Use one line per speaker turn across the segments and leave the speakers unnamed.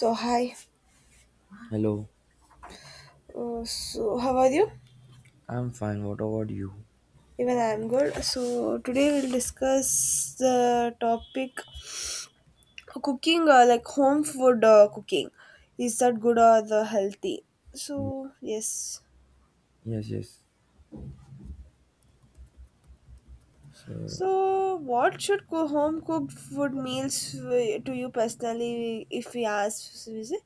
So hi,
Hello,
so how are you?
I'm fine. What about you?
Even I am good. So today we'll discuss the topic cooking, like home food cooking. Is that good or the healthy? So yes.
Yes, yes. So,
So, what should home cooked food meals to you personally, if we ask? So we say?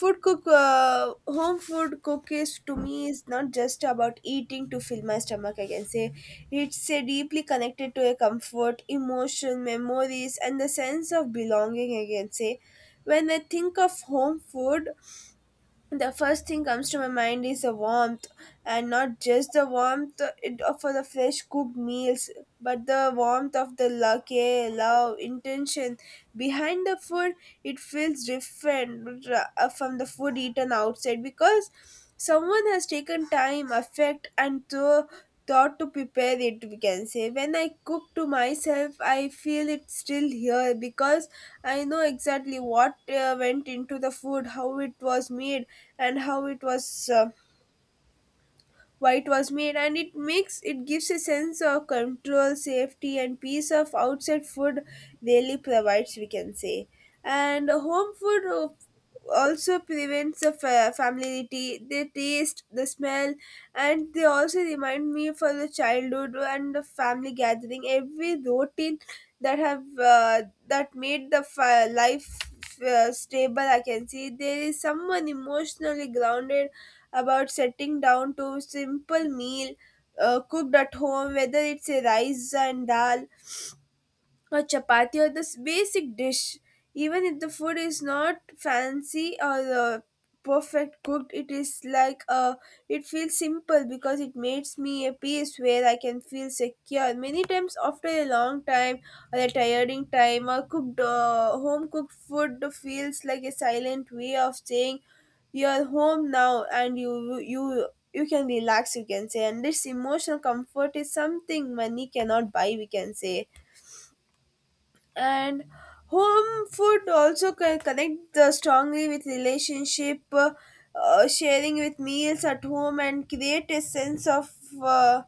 Food cook, home food cook is to me is not just about eating to fill my stomach. I can say it's deeply connected to a comfort, emotion, memories, and the sense of belonging. I can say when I think of home food, the first thing comes to my mind is the warmth and not just the warmth for the fresh cooked meals, but the warmth of the love care love intention behind the food. It feels different from the food eaten outside because someone has taken time affect and thought thought to prepare it, we can say. When I cook to myself, I feel it's still here because I know exactly what went into the food, how it was made and how it was uh, why it was made, and it makes it gives a sense of control safety and peace of outside food really provides, we can say. And home food also prevents the familiarity, the taste, the smell, and they also remind me for the childhood and the family gathering every routine that have that made the life stable. I can see there is someone emotionally grounded about setting down to simple meal cooked at home, whether it's a rice and dal or chapati or this basic dish. Even if the food is not fancy or perfect cooked, it is like it feels simple because it makes me a peace where I can feel secure. Many times after a long time or a tiring time or cooked home cooked food feels like a silent way of saying you're home now and you you can relax, you can say, and this emotional comfort is something money cannot buy, we can say. And home food also connect strongly with relationship sharing with meals at home and create a sense of uh,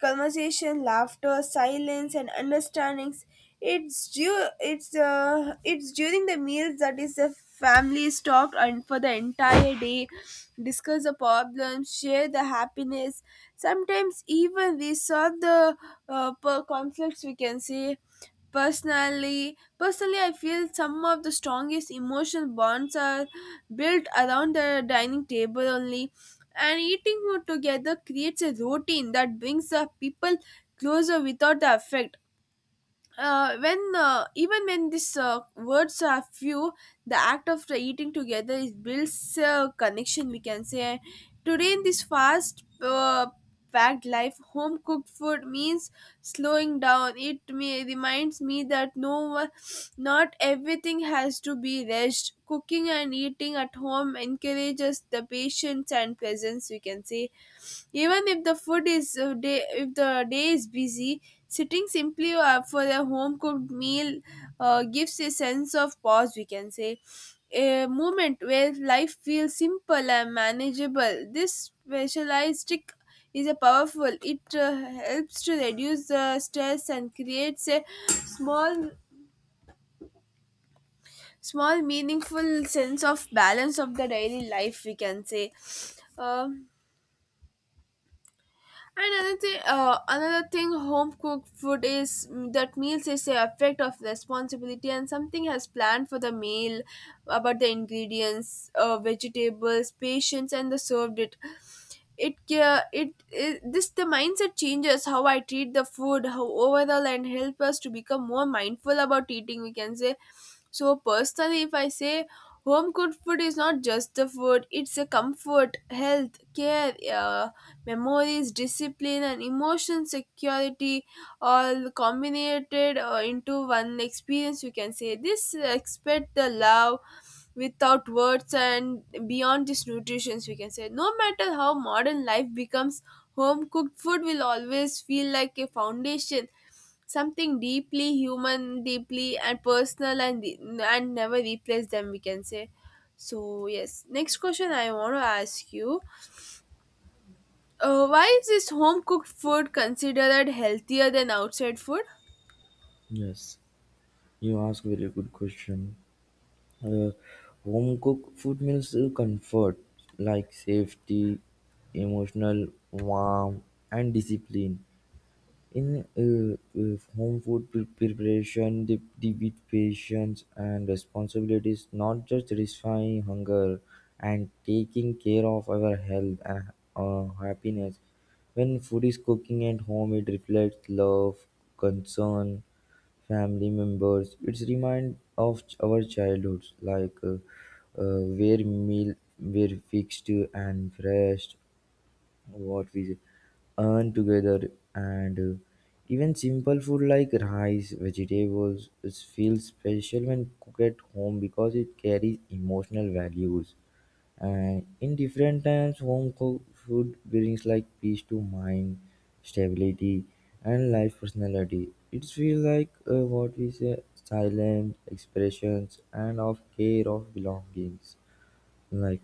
conversation, laughter, silence, and understandings. It's due. It's during the meals that is the family is talked and for the entire day, discuss the problems, share the happiness. Sometimes even we saw the conflicts, we can say. Personally, I feel some of the strongest emotional bonds are built around the dining table only, and eating together creates a routine that brings the people closer without the effect when even when these words are few, the act of the eating together is builds a connection, we can say. Today in this fast packed life, home cooked food means slowing down. It me reminds me that no, not everything has to be rushed. Cooking and eating at home encourages the patience and presence, we can say. Even if the food is day if the day is busy, sitting simply for a home cooked meal gives a sense of pause, we can say, a moment where life feels simple and manageable. This specialized trick is a powerful. It helps to reduce the stress and creates a small meaningful sense of balance of the daily life, we can say. Um And another thing, home cooked food is that meals is a effect of responsibility, and something has planned for the meal about the ingredients, vegetables, patience, and the served it it, this the mindset changes how I treat the food how overall and help us to become more mindful about eating, we can say. So personally, if I say home cooked food is not just the food, it's a comfort health care memories discipline and emotion security all combined into one experience, you can say. This expect the love without words and beyond this nutritions, we can say. No matter how modern life becomes, home cooked food will always feel like a foundation, something deeply human deeply and personal, and never replace them, we can say. So yes, next question I want to ask you, why is this home cooked food considered healthier than outside food?
yes, you ask very good question. Uh, Home cooked food means comfort, like safety, emotional, warmth, and discipline. In home food preparation, the with patience and responsibility is not just satisfying hunger and taking care of our health and happiness. When food is cooking at home, it reflects love, concern, family members. It's remind of our childhoods, like where meal were fixed and fresh what we earn together and even simple food like rice vegetables is feels special when cooked at home because it carries emotional values, and in different times home cooked food brings like peace to mind, stability, and life personality. It feels like what we say silent expressions and of care of belongings, like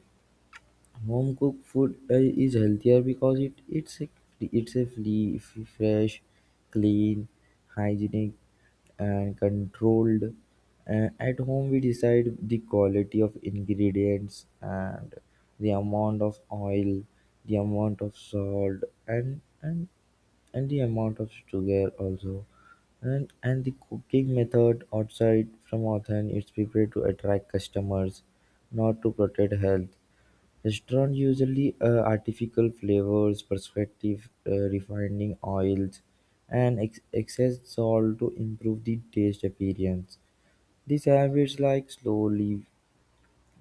home cooked food is healthier because it's a free, fresh, clean, hygienic, and controlled. At home, we decide the quality of ingredients and the amount of oil, the amount of salt, and and and the amount of sugar also. And the cooking method outside from Athen, it's prepared to attract customers, not to protect health. Restaurants usually add artificial flavors, preservatives, refining oils, and excess salt to improve the taste appearance. These habits like slowly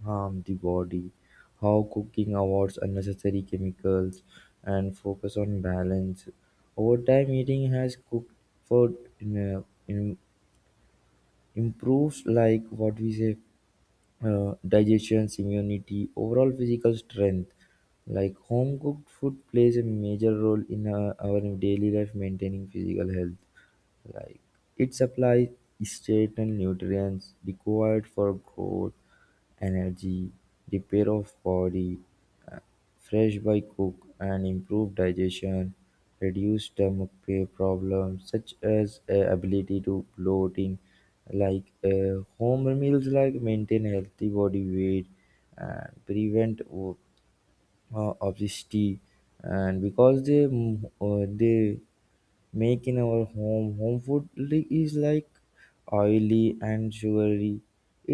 harm the body. How cooking avoids unnecessary chemicals and focus on balance. Over time, eating has cooked food in, improves like what we say digestion, immunity, overall physical strength. Like home cooked food plays a major role in our daily life maintaining physical health. Like it supplies certain nutrients required for growth, energy, repair of body, uh, fresh by cook, and improved digestion, reduce stomach pain problems such as ability to bloating, like home meals like maintain healthy body weight and prevent obesity, and because they make in our home food is like oily and sugary.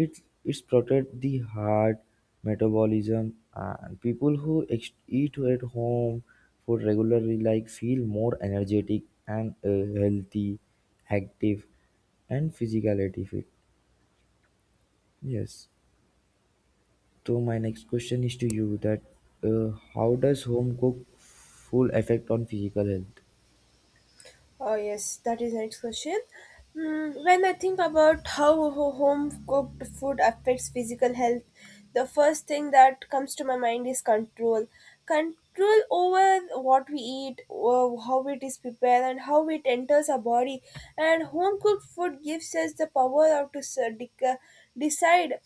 It's protect the heart metabolism, and people who eat at home food regularly like feel more energetic and healthy, active, and physicality fit. Yes. So my next question is to you that how does home cook full effect on physical health?
Oh yes, that is the next question. When I think about how home cooked food affects physical health, the first thing that comes to my mind is control. Control over what we eat, or how it is prepared, and how it enters our body. And home cooked food gives us the power of to decide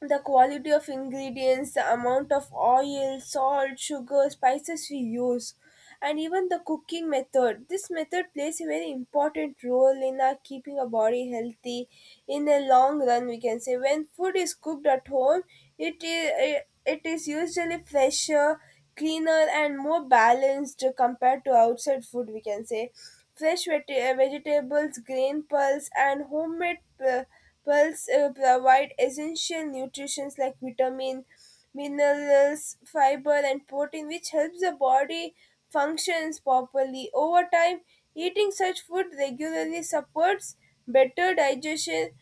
the quality of ingredients, the amount of oil, salt, sugar, spices we use, and even the cooking method. This method plays a very important role in our keeping our body healthy in the long run, we can say. When food is cooked at home, it is usually fresher, cleaner, and more balanced compared to outside food, we can say. Fresh vegetables, grain pulse, and homemade. Pulse provide essential nutrients like vitamin, minerals, fiber, and protein, which helps the body functions properly. Over time, eating such food regularly supports better digestion,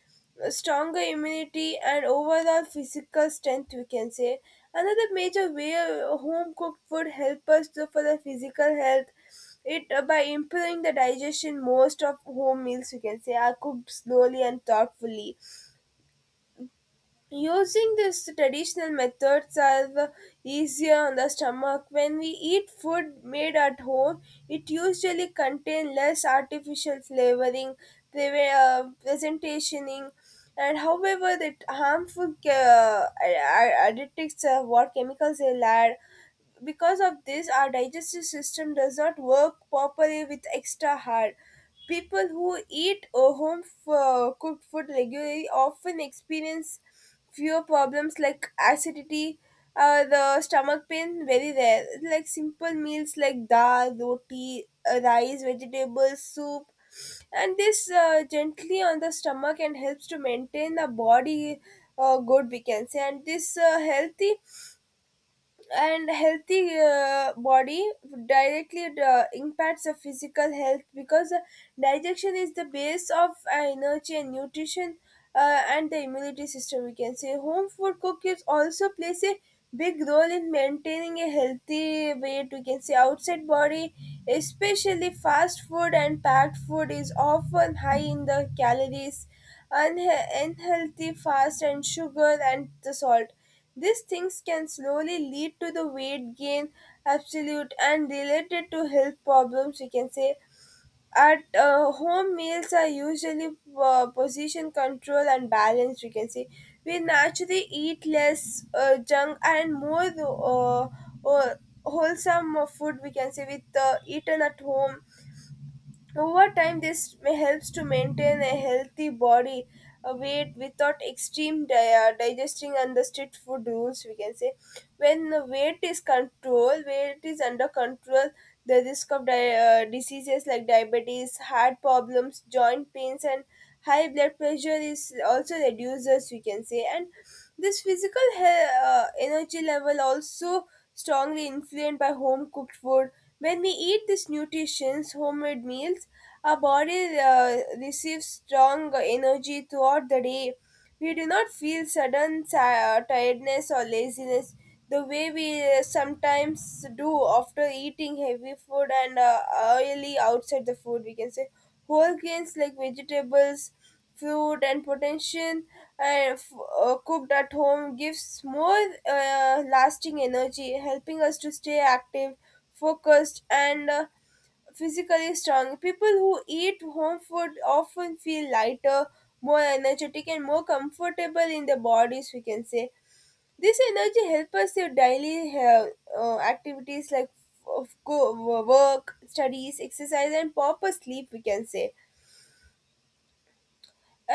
stronger immunity, and overall physical strength, we can say. Another major way home cooked food help us to for the physical health it by improving the digestion, most of home meals, you can say, are cooked slowly and thoughtfully. Using these traditional methods are the easier on the stomach. When we eat food made at home, it usually contains less artificial flavoring, presentationing, and however the harmful additives of what chemicals they add. Because of this, our digestive system does not work properly with extra hard. People who eat cooked food regularly often experience fewer problems like acidity, the stomach pain very rare, like simple meals like dal roti, rice vegetables soup, and this gently on the stomach and helps to maintain the body good, we can say. And this healthy body directly impacts the physical health, because digestion is the base of energy and nutrition, and the immunity system, we can say. Home food cooking also plays a big role in maintaining a healthy weight, we can say. Outside body, especially fast food and packed food is often high in the calories, unhealthy fast and sugar and the salt. These things can slowly lead to the weight gain, absolute and related to health problems, we can say. At home meals are usually position control and balance, we can say. We naturally eat less junk and more uh, wholesome food, we can say, with eaten at home over time. This may helps to maintain a healthy body weight without extreme digesting and the strict food rules, we can say. When the weight is under control, the risk of diseases like diabetes, heart problems, joint pains, and high blood pressure is also reduces, we can say. And this physical energy level also strongly influenced by home cooked food. When we eat these nutritious homemade meals, our body receives strong energy throughout the day. We do not feel sudden tiredness or laziness the way we sometimes do after eating heavy food and oily outside the food, we can say. Whole grains like vegetables food and potential uh, f- cooked at home gives more lasting energy, helping us to stay active, focused, and physically strong. People who eat home food often feel lighter, more energetic, and more comfortable in their bodies, we can say. This energy helps us with daily activities like of go, work, studies, exercise, and proper sleep, we can say.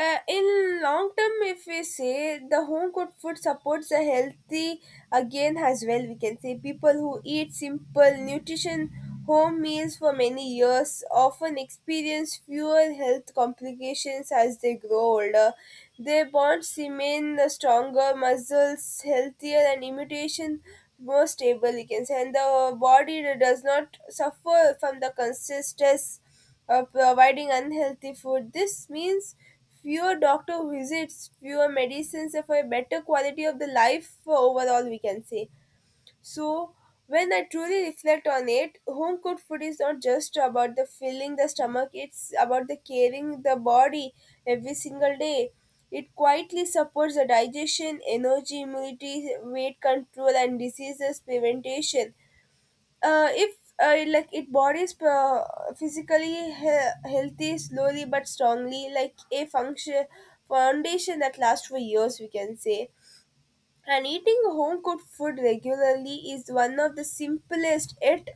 In long term, if we say, the home cooked food supports a healthy again as well, we can say. People who eat simple nutrition home meals for many years often experience fewer health complications as they grow older. Their bonds remain the stronger muscles healthier and immunization more stable, we can say. And the body does not suffer from the constant stress providing unhealthy food. This means fewer doctor visits, fewer medicines, and for a better quality of the life for overall, we can say. So, when I truly reflect on it, home cooked food is not just about the filling the stomach, it's about the caring the body every single day. It quietly supports the digestion, energy, immunity, weight control, and diseases prevention if like it bodies physically healthy, slowly but strongly, like a function foundation that lasts for years, we can say. And eating home cooked food regularly is one of the simplest yet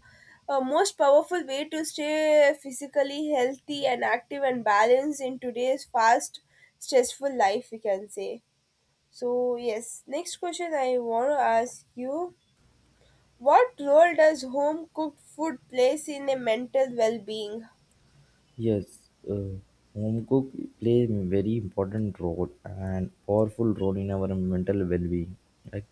most powerful way to stay physically healthy and active and balanced in today's fast stressful life, we can say. So yes, next question I want to ask you: what role does home cooked food plays in a mental well being?
Yes, home cook play a very important role and powerful role in our mental well-being. Like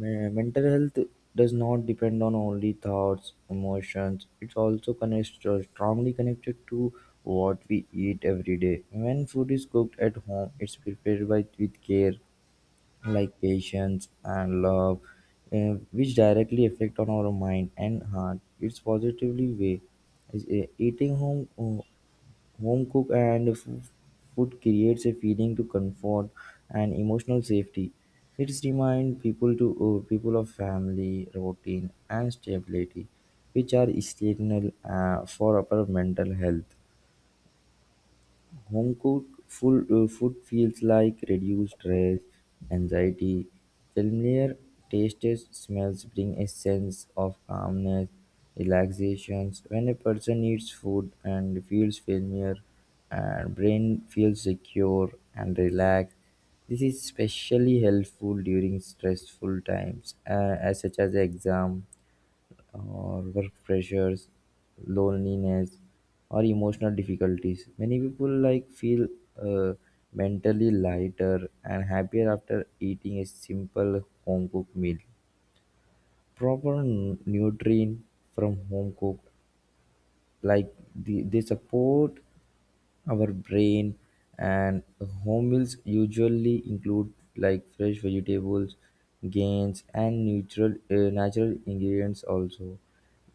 mental health does not depend on only thoughts, emotions. It's also connects strongly connected to what we eat every day. When food is cooked at home, it's prepared by with care, like patience and love, which directly affect on our mind and heart. It's positively way is eating home cook and food creates a feeling to comfort and emotional safety. It reminds people of family, routine, and stability, which are essential for our mental health. Homecooked full, food feels like reduced stress, anxiety. Familiar tastes, smells bring a sense of calmness, relaxations. When a person eats food and feels familiar, and brain feels secure and relaxed. This is especially helpful during stressful times, as such as exam or work pressures, loneliness, or emotional difficulties. Many people like feel uh, mentally lighter and happier after eating a simple home cooked meal. Proper nutrient from home cooked, like the, they support our brain, and home meals usually include like fresh vegetables, grains, and neutral natural ingredients also.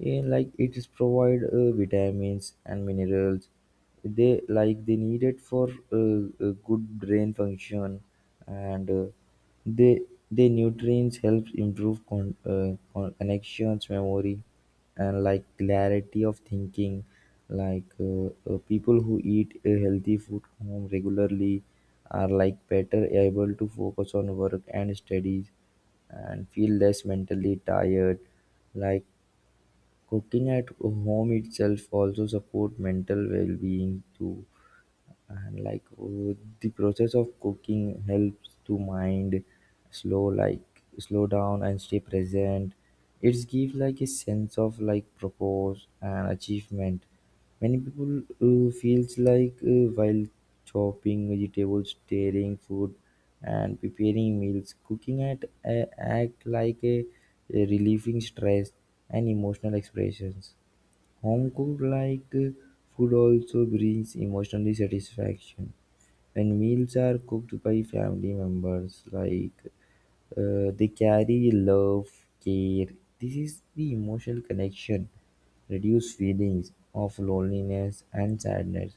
Eh, like it is provide vitamins and minerals they like they needed for a good brain function, and they the nutrients helps improve connections, memory, and like clarity of thinking. Like people who eat a healthy food home regularly are like better able to focus on work and studies and feel less mentally tired, like cooking at home itself also support mental well-being too. And like the process of cooking helps to mind slow like slow down and stay present. It gives like a sense of like purpose and achievement. Many people feels like while chopping vegetables, stirring food, and preparing meals, cooking at act like a relieving stress and emotional expressions. Home-cooked-like food also brings emotional satisfaction when meals are cooked by family members. Like they carry love, care. This is the emotional connection, reduce feelings of loneliness and sadness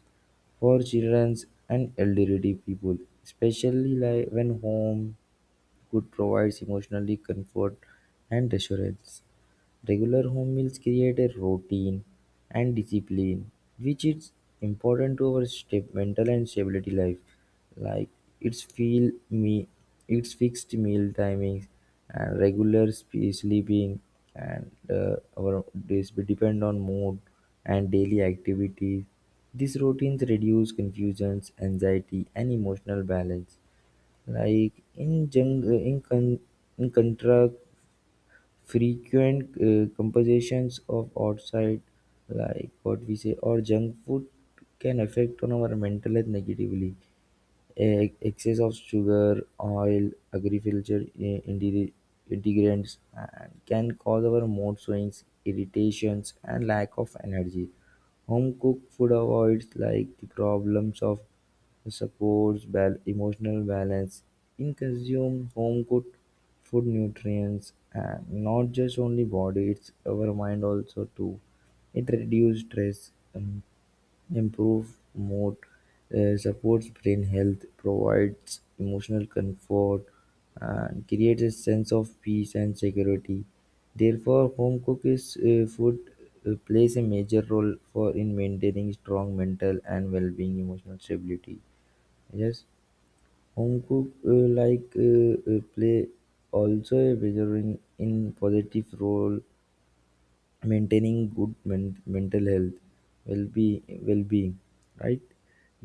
for children and elderly people, especially like when home could provides emotionally comfort and assurance. Regular home meals create a routine and discipline, which is important to our mental and stability life. Like it's feel me, it's fixed meal timings and regular sleeping, and our days will depend on mood and daily activities. These routines reduce confusions, anxiety, and emotional balance. Like in contrast, frequent compositions of outside, like what we say, or junk food can affect on our mental health negatively. Excess of sugar, oil, agriculture integrants can cause our mood swings, irritations, and lack of energy. Home cooked food avoids like the problems of supports emotional balance. In consume home cooked food nutrients, and not just only body, it's our mind also too. It reduces stress, improved mood, supports brain health, provides emotional comfort, and creates a sense of peace and security. Therefore, home cooked food plays a major role for in maintaining strong mental and well-being, emotional stability. Yes, home cook play also a measuring in positive role maintaining good mental health, well-being, right.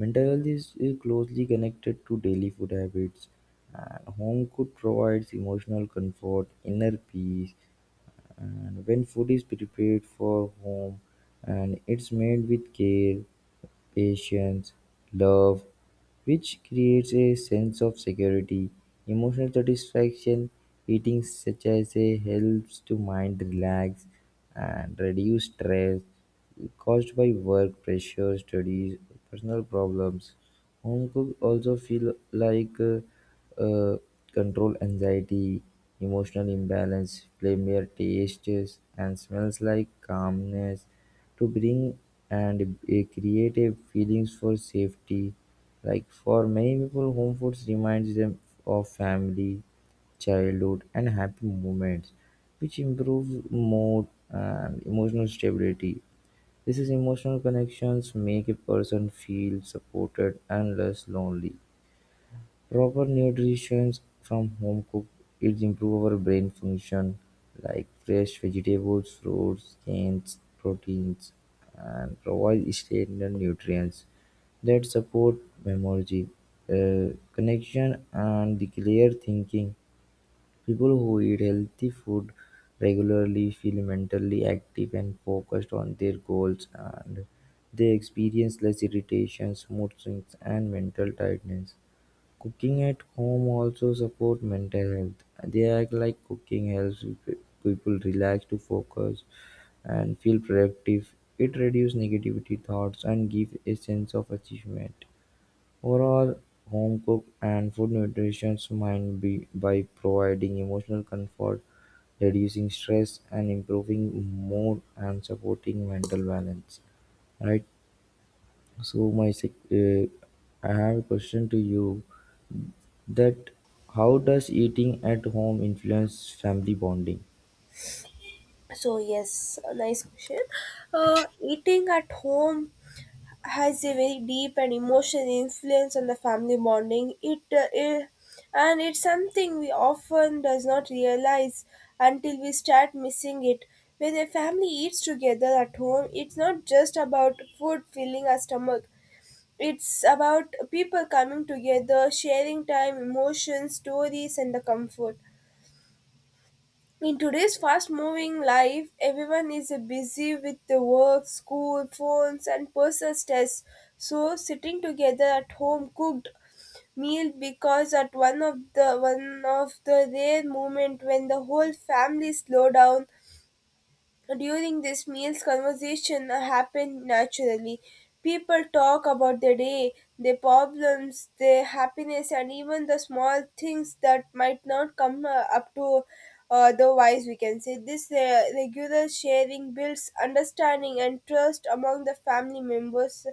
Mental health is closely connected to daily food habits, and home could provides emotional comfort, inner peace. And when food is prepared for home, and it's made with care, patience, love, which creates a sense of security, emotional satisfaction. Eating such as a helps to mind relax and reduce stress caused by work pressure, studies, personal problems. Home cook also feel like uh, control anxiety, emotional imbalance, familiar tastes, and smells like calmness to bring, and create a creative feelings for safety. Like for many people, home foods reminds them of family, childhood, and happy moments, which improves mood and emotional stability. These emotional connections make a person feel supported and less lonely. Proper nutrition from home-cooked eats improve our brain function, like fresh vegetables, fruits, grains, proteins, and provide stable nutrients that support memory, connection, and the clear thinking. People who eat healthy food regularly feel mentally active and focused on their goals, and they experience less irritations, mood swings, and mental tiredness. Cooking at home also support mental health. They act like cooking helps people relax to focus and feel productive. It reduces negativity thoughts and gives a sense of achievement. Overall, home cook and food nutrition might be by providing emotional comfort, reducing stress, and improving mood and supporting mental balance. Right. So my I have a question to you that how does eating at home influence family bonding?
So yes, a nice question. Eating at home has a very deep and emotional influence on the family bonding. It, I- and it's something we often does not realize until we start missing it. When a family eats together at home, it's not just about food filling our stomach. It's about people coming together, sharing time, emotions, stories, and the comfort. In today's fast moving life, everyone is busy with the work, school, phones, and personal stress. So, sitting together at home cooked meal because at one of the rare moment when the whole family slow down during these meals, conversation happen naturally. People talk about their day, their problems, their happiness, and even the small things that might not come up to otherwise, we can say. This regular sharing builds understanding and trust among the family members.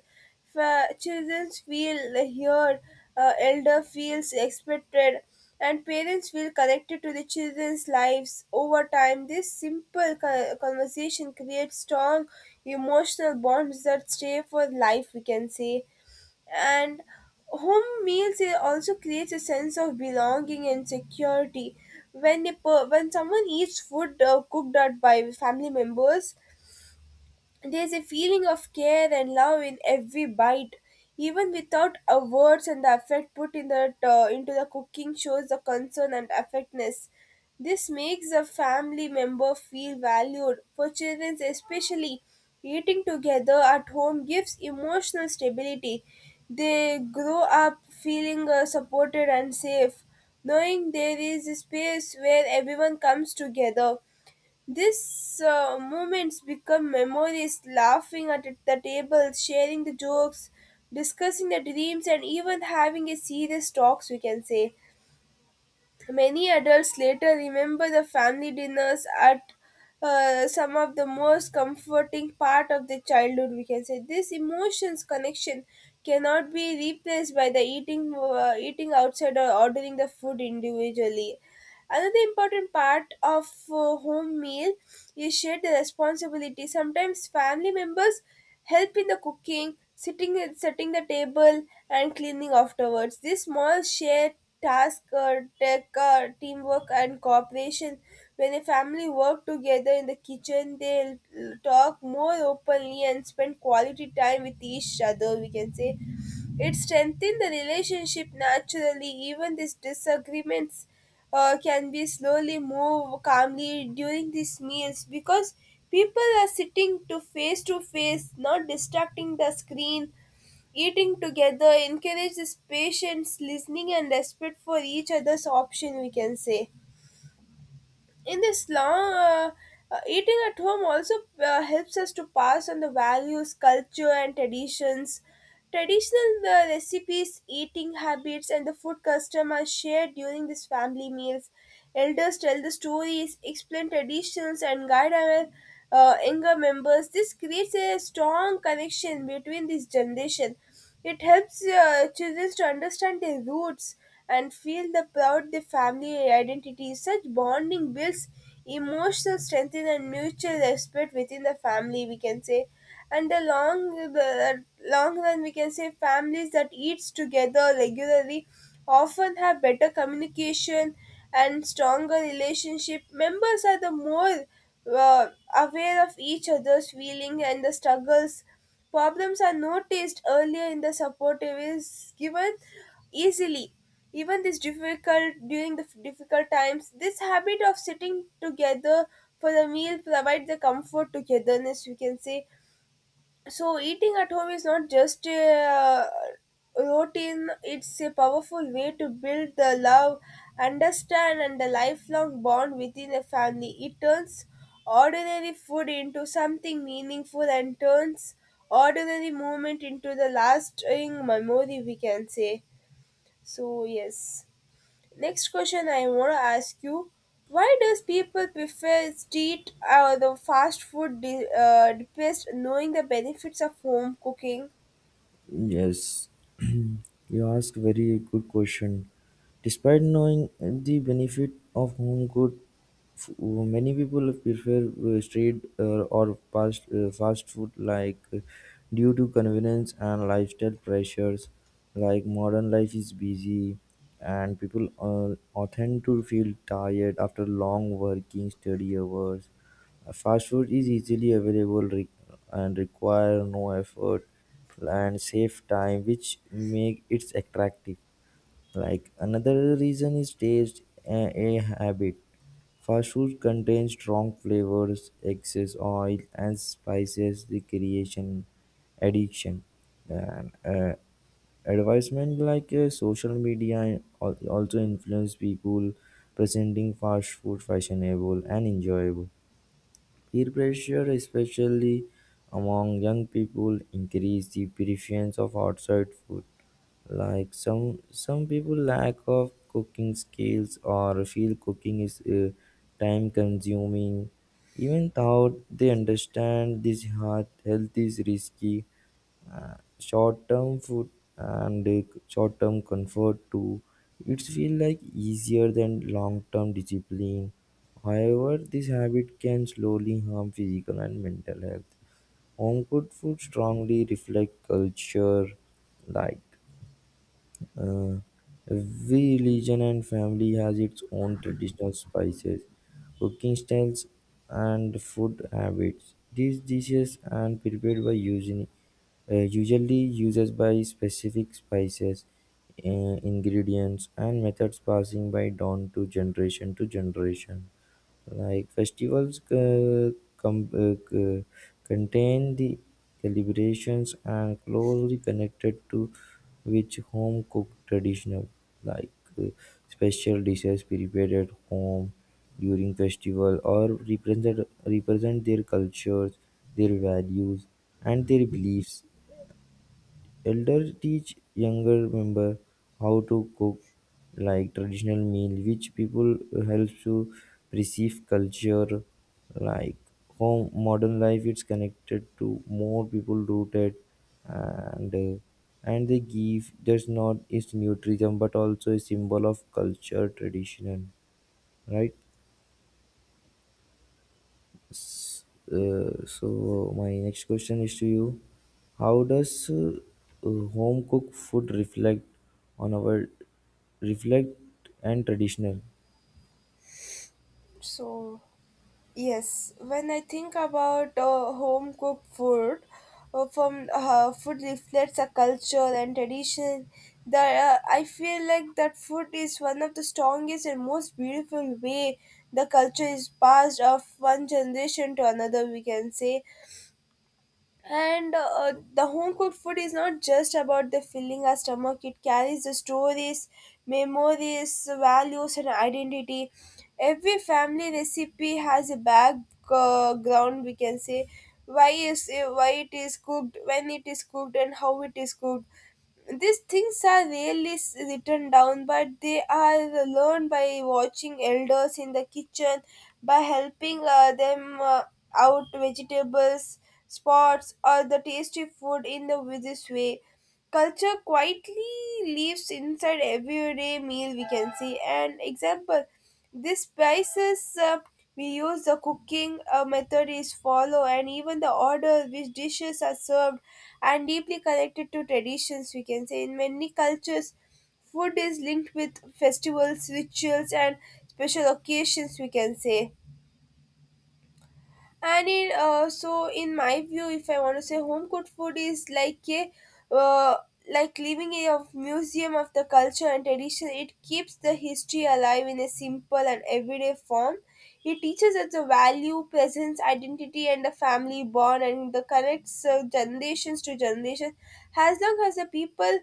Children feel heard, elder feels expected, and parents feel connected to the children's lives. Over time, this simple conversation creates strong emotional bonds that stay for life, we can say. And home meals it also creates a sense of belonging and security. When someone eats food cooked out by family members, there's a feeling of care and love in every bite, even without a words, and the effort put in that into the cooking shows the concern and affectness. This makes a family member feel valued. For children, especially, eating together at home gives emotional stability. They grow up feeling supported and safe, knowing there is a space where everyone comes together. These moments become memories, laughing at the table, sharing the jokes, discussing the dreams, and even having a serious talks, we can say. Many adults later remember the family dinners at some of the most comforting part of their childhood, we can say. This emotions connection cannot be replaced by the eating outside or ordering the food individually. Another important part of home meal is shared responsibility. Sometimes family members help in the cooking, sitting setting the table, and cleaning afterwards. This small shared task take teamwork and cooperation. When a family work together in the kitchen, they talk more openly and spend quality time with each other, we can say. It strengthens the relationship naturally. Even these disagreements can be slowly move calmly during these meals because people are sitting to face, not distracting the screen. Eating together encourages patience, listening, and respect for each other's option, we can say. In this long eating at home also helps us to pass on the values, culture and traditions. Traditional recipes, eating habits and the food custom are shared during these family meals. Elders tell the stories, explain traditions and guide our younger members. This creates a strong connection between these generation. It helps children to understand their roots and feel the proud their family identity. Such bonding builds emotional strength and mutual respect within the family, we can say. And the long run, we can say, families that eats together regularly often have better communication and stronger relationship. Members are the more uh, aware of each other's feeling and the struggles. Problems are noticed earlier in the supportive is given easily. Even this difficult during the f- difficult times, this habit of sitting together for the meal provides the comfort togetherness, we can say. So eating at home is not just a routine, it's a powerful way to build the love, understand and the lifelong bond within a family. It turns ordinary food into something meaningful and turns ordinary moment into the lasting memory, we can say. So yes. Next question I want to ask you: why does people prefer street or the fast food best knowing the benefits of home cooking?
Yes, you ask very good question. Despite knowing the benefit of home good, many people prefer street or fast food like due to convenience and lifestyle pressures. Like modern life is busy, and people often to feel tired after long working study hours. Fast food is easily available, and require no effort and save time, which make it attractive. Like another reason is taste, a habit. Fast food contains strong flavors, excess oil, and spices, the creation addiction. And advertisement like social media also influence people presenting fast food fashionable and enjoyable. Peer pressure, especially among young people, increase the preference of outside food. Like some people lack of cooking skills or feel cooking is time consuming, even though they understand this health is risky, short-term food, and short-term comfort too. It feels like easier than long-term discipline. However, this habit can slowly harm physical and mental health. Home cooked food strongly reflect culture, like uh, every religion and family has its own traditional spices, cooking styles, and food habits. These dishes are prepared by using, usually uses by specific spices, ingredients, and methods passing by down to generation to generation. Like festivals contain the celebrations and closely connected to which home cooked traditional, like uh, special dishes prepared at home during festival, or represent their cultures, their values, and their beliefs. Elder teach younger member how to cook, like traditional meal which people helps to perceive culture. Like home modern life it's connected to more people rooted, and uh, and they give just not is nutrition but also a symbol of culture tradition, right. So my next question is to you, how does home cooked food reflect on our reflect and traditional.
So yes, when I think about home cooked food, from food reflects a culture and tradition. That I feel like that food is one of the strongest and most beautiful way the culture is passed of one generation to another, we can say. And the home cooked food is not just about the filling our stomach, it carries the stories, memories, values, and identity. Every family recipe has a background, we can say, why it is cooked, when it is cooked, and how it is cooked. These things are rarely written down, but they are learned by watching elders in the kitchen, by helping them out vegetables spots, or the tasty food in the this way. Culture quietly lives inside everyday meal, we can see. And example, these spices we use, the cooking method is follow, and even the order which dishes are served and deeply connected to traditions, we can say. In many cultures food is linked with festivals, rituals and special occasions, we can say. And so in my view, if I want to say, home cooked food is like a uh, like living a of museum of the culture and tradition. It keeps the history alive in a simple and everyday form. It teaches us the value, presence, identity and the family bond, and the connects generations to generations. As long as the people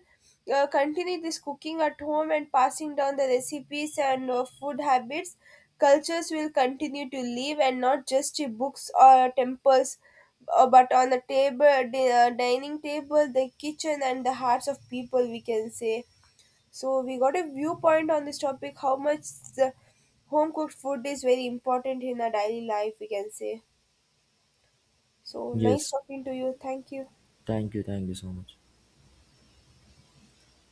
continue this cooking at home and passing down the recipes and food habits, cultures will continue to live, and not just in books or temples, but on the table, the dining table, the kitchen and the hearts of people, we can say. So we got a viewpoint on this topic, how much the home cooked food is very important in our daily life, we can say. So nice
Yes,
talking to you, thank you.
thank you so much.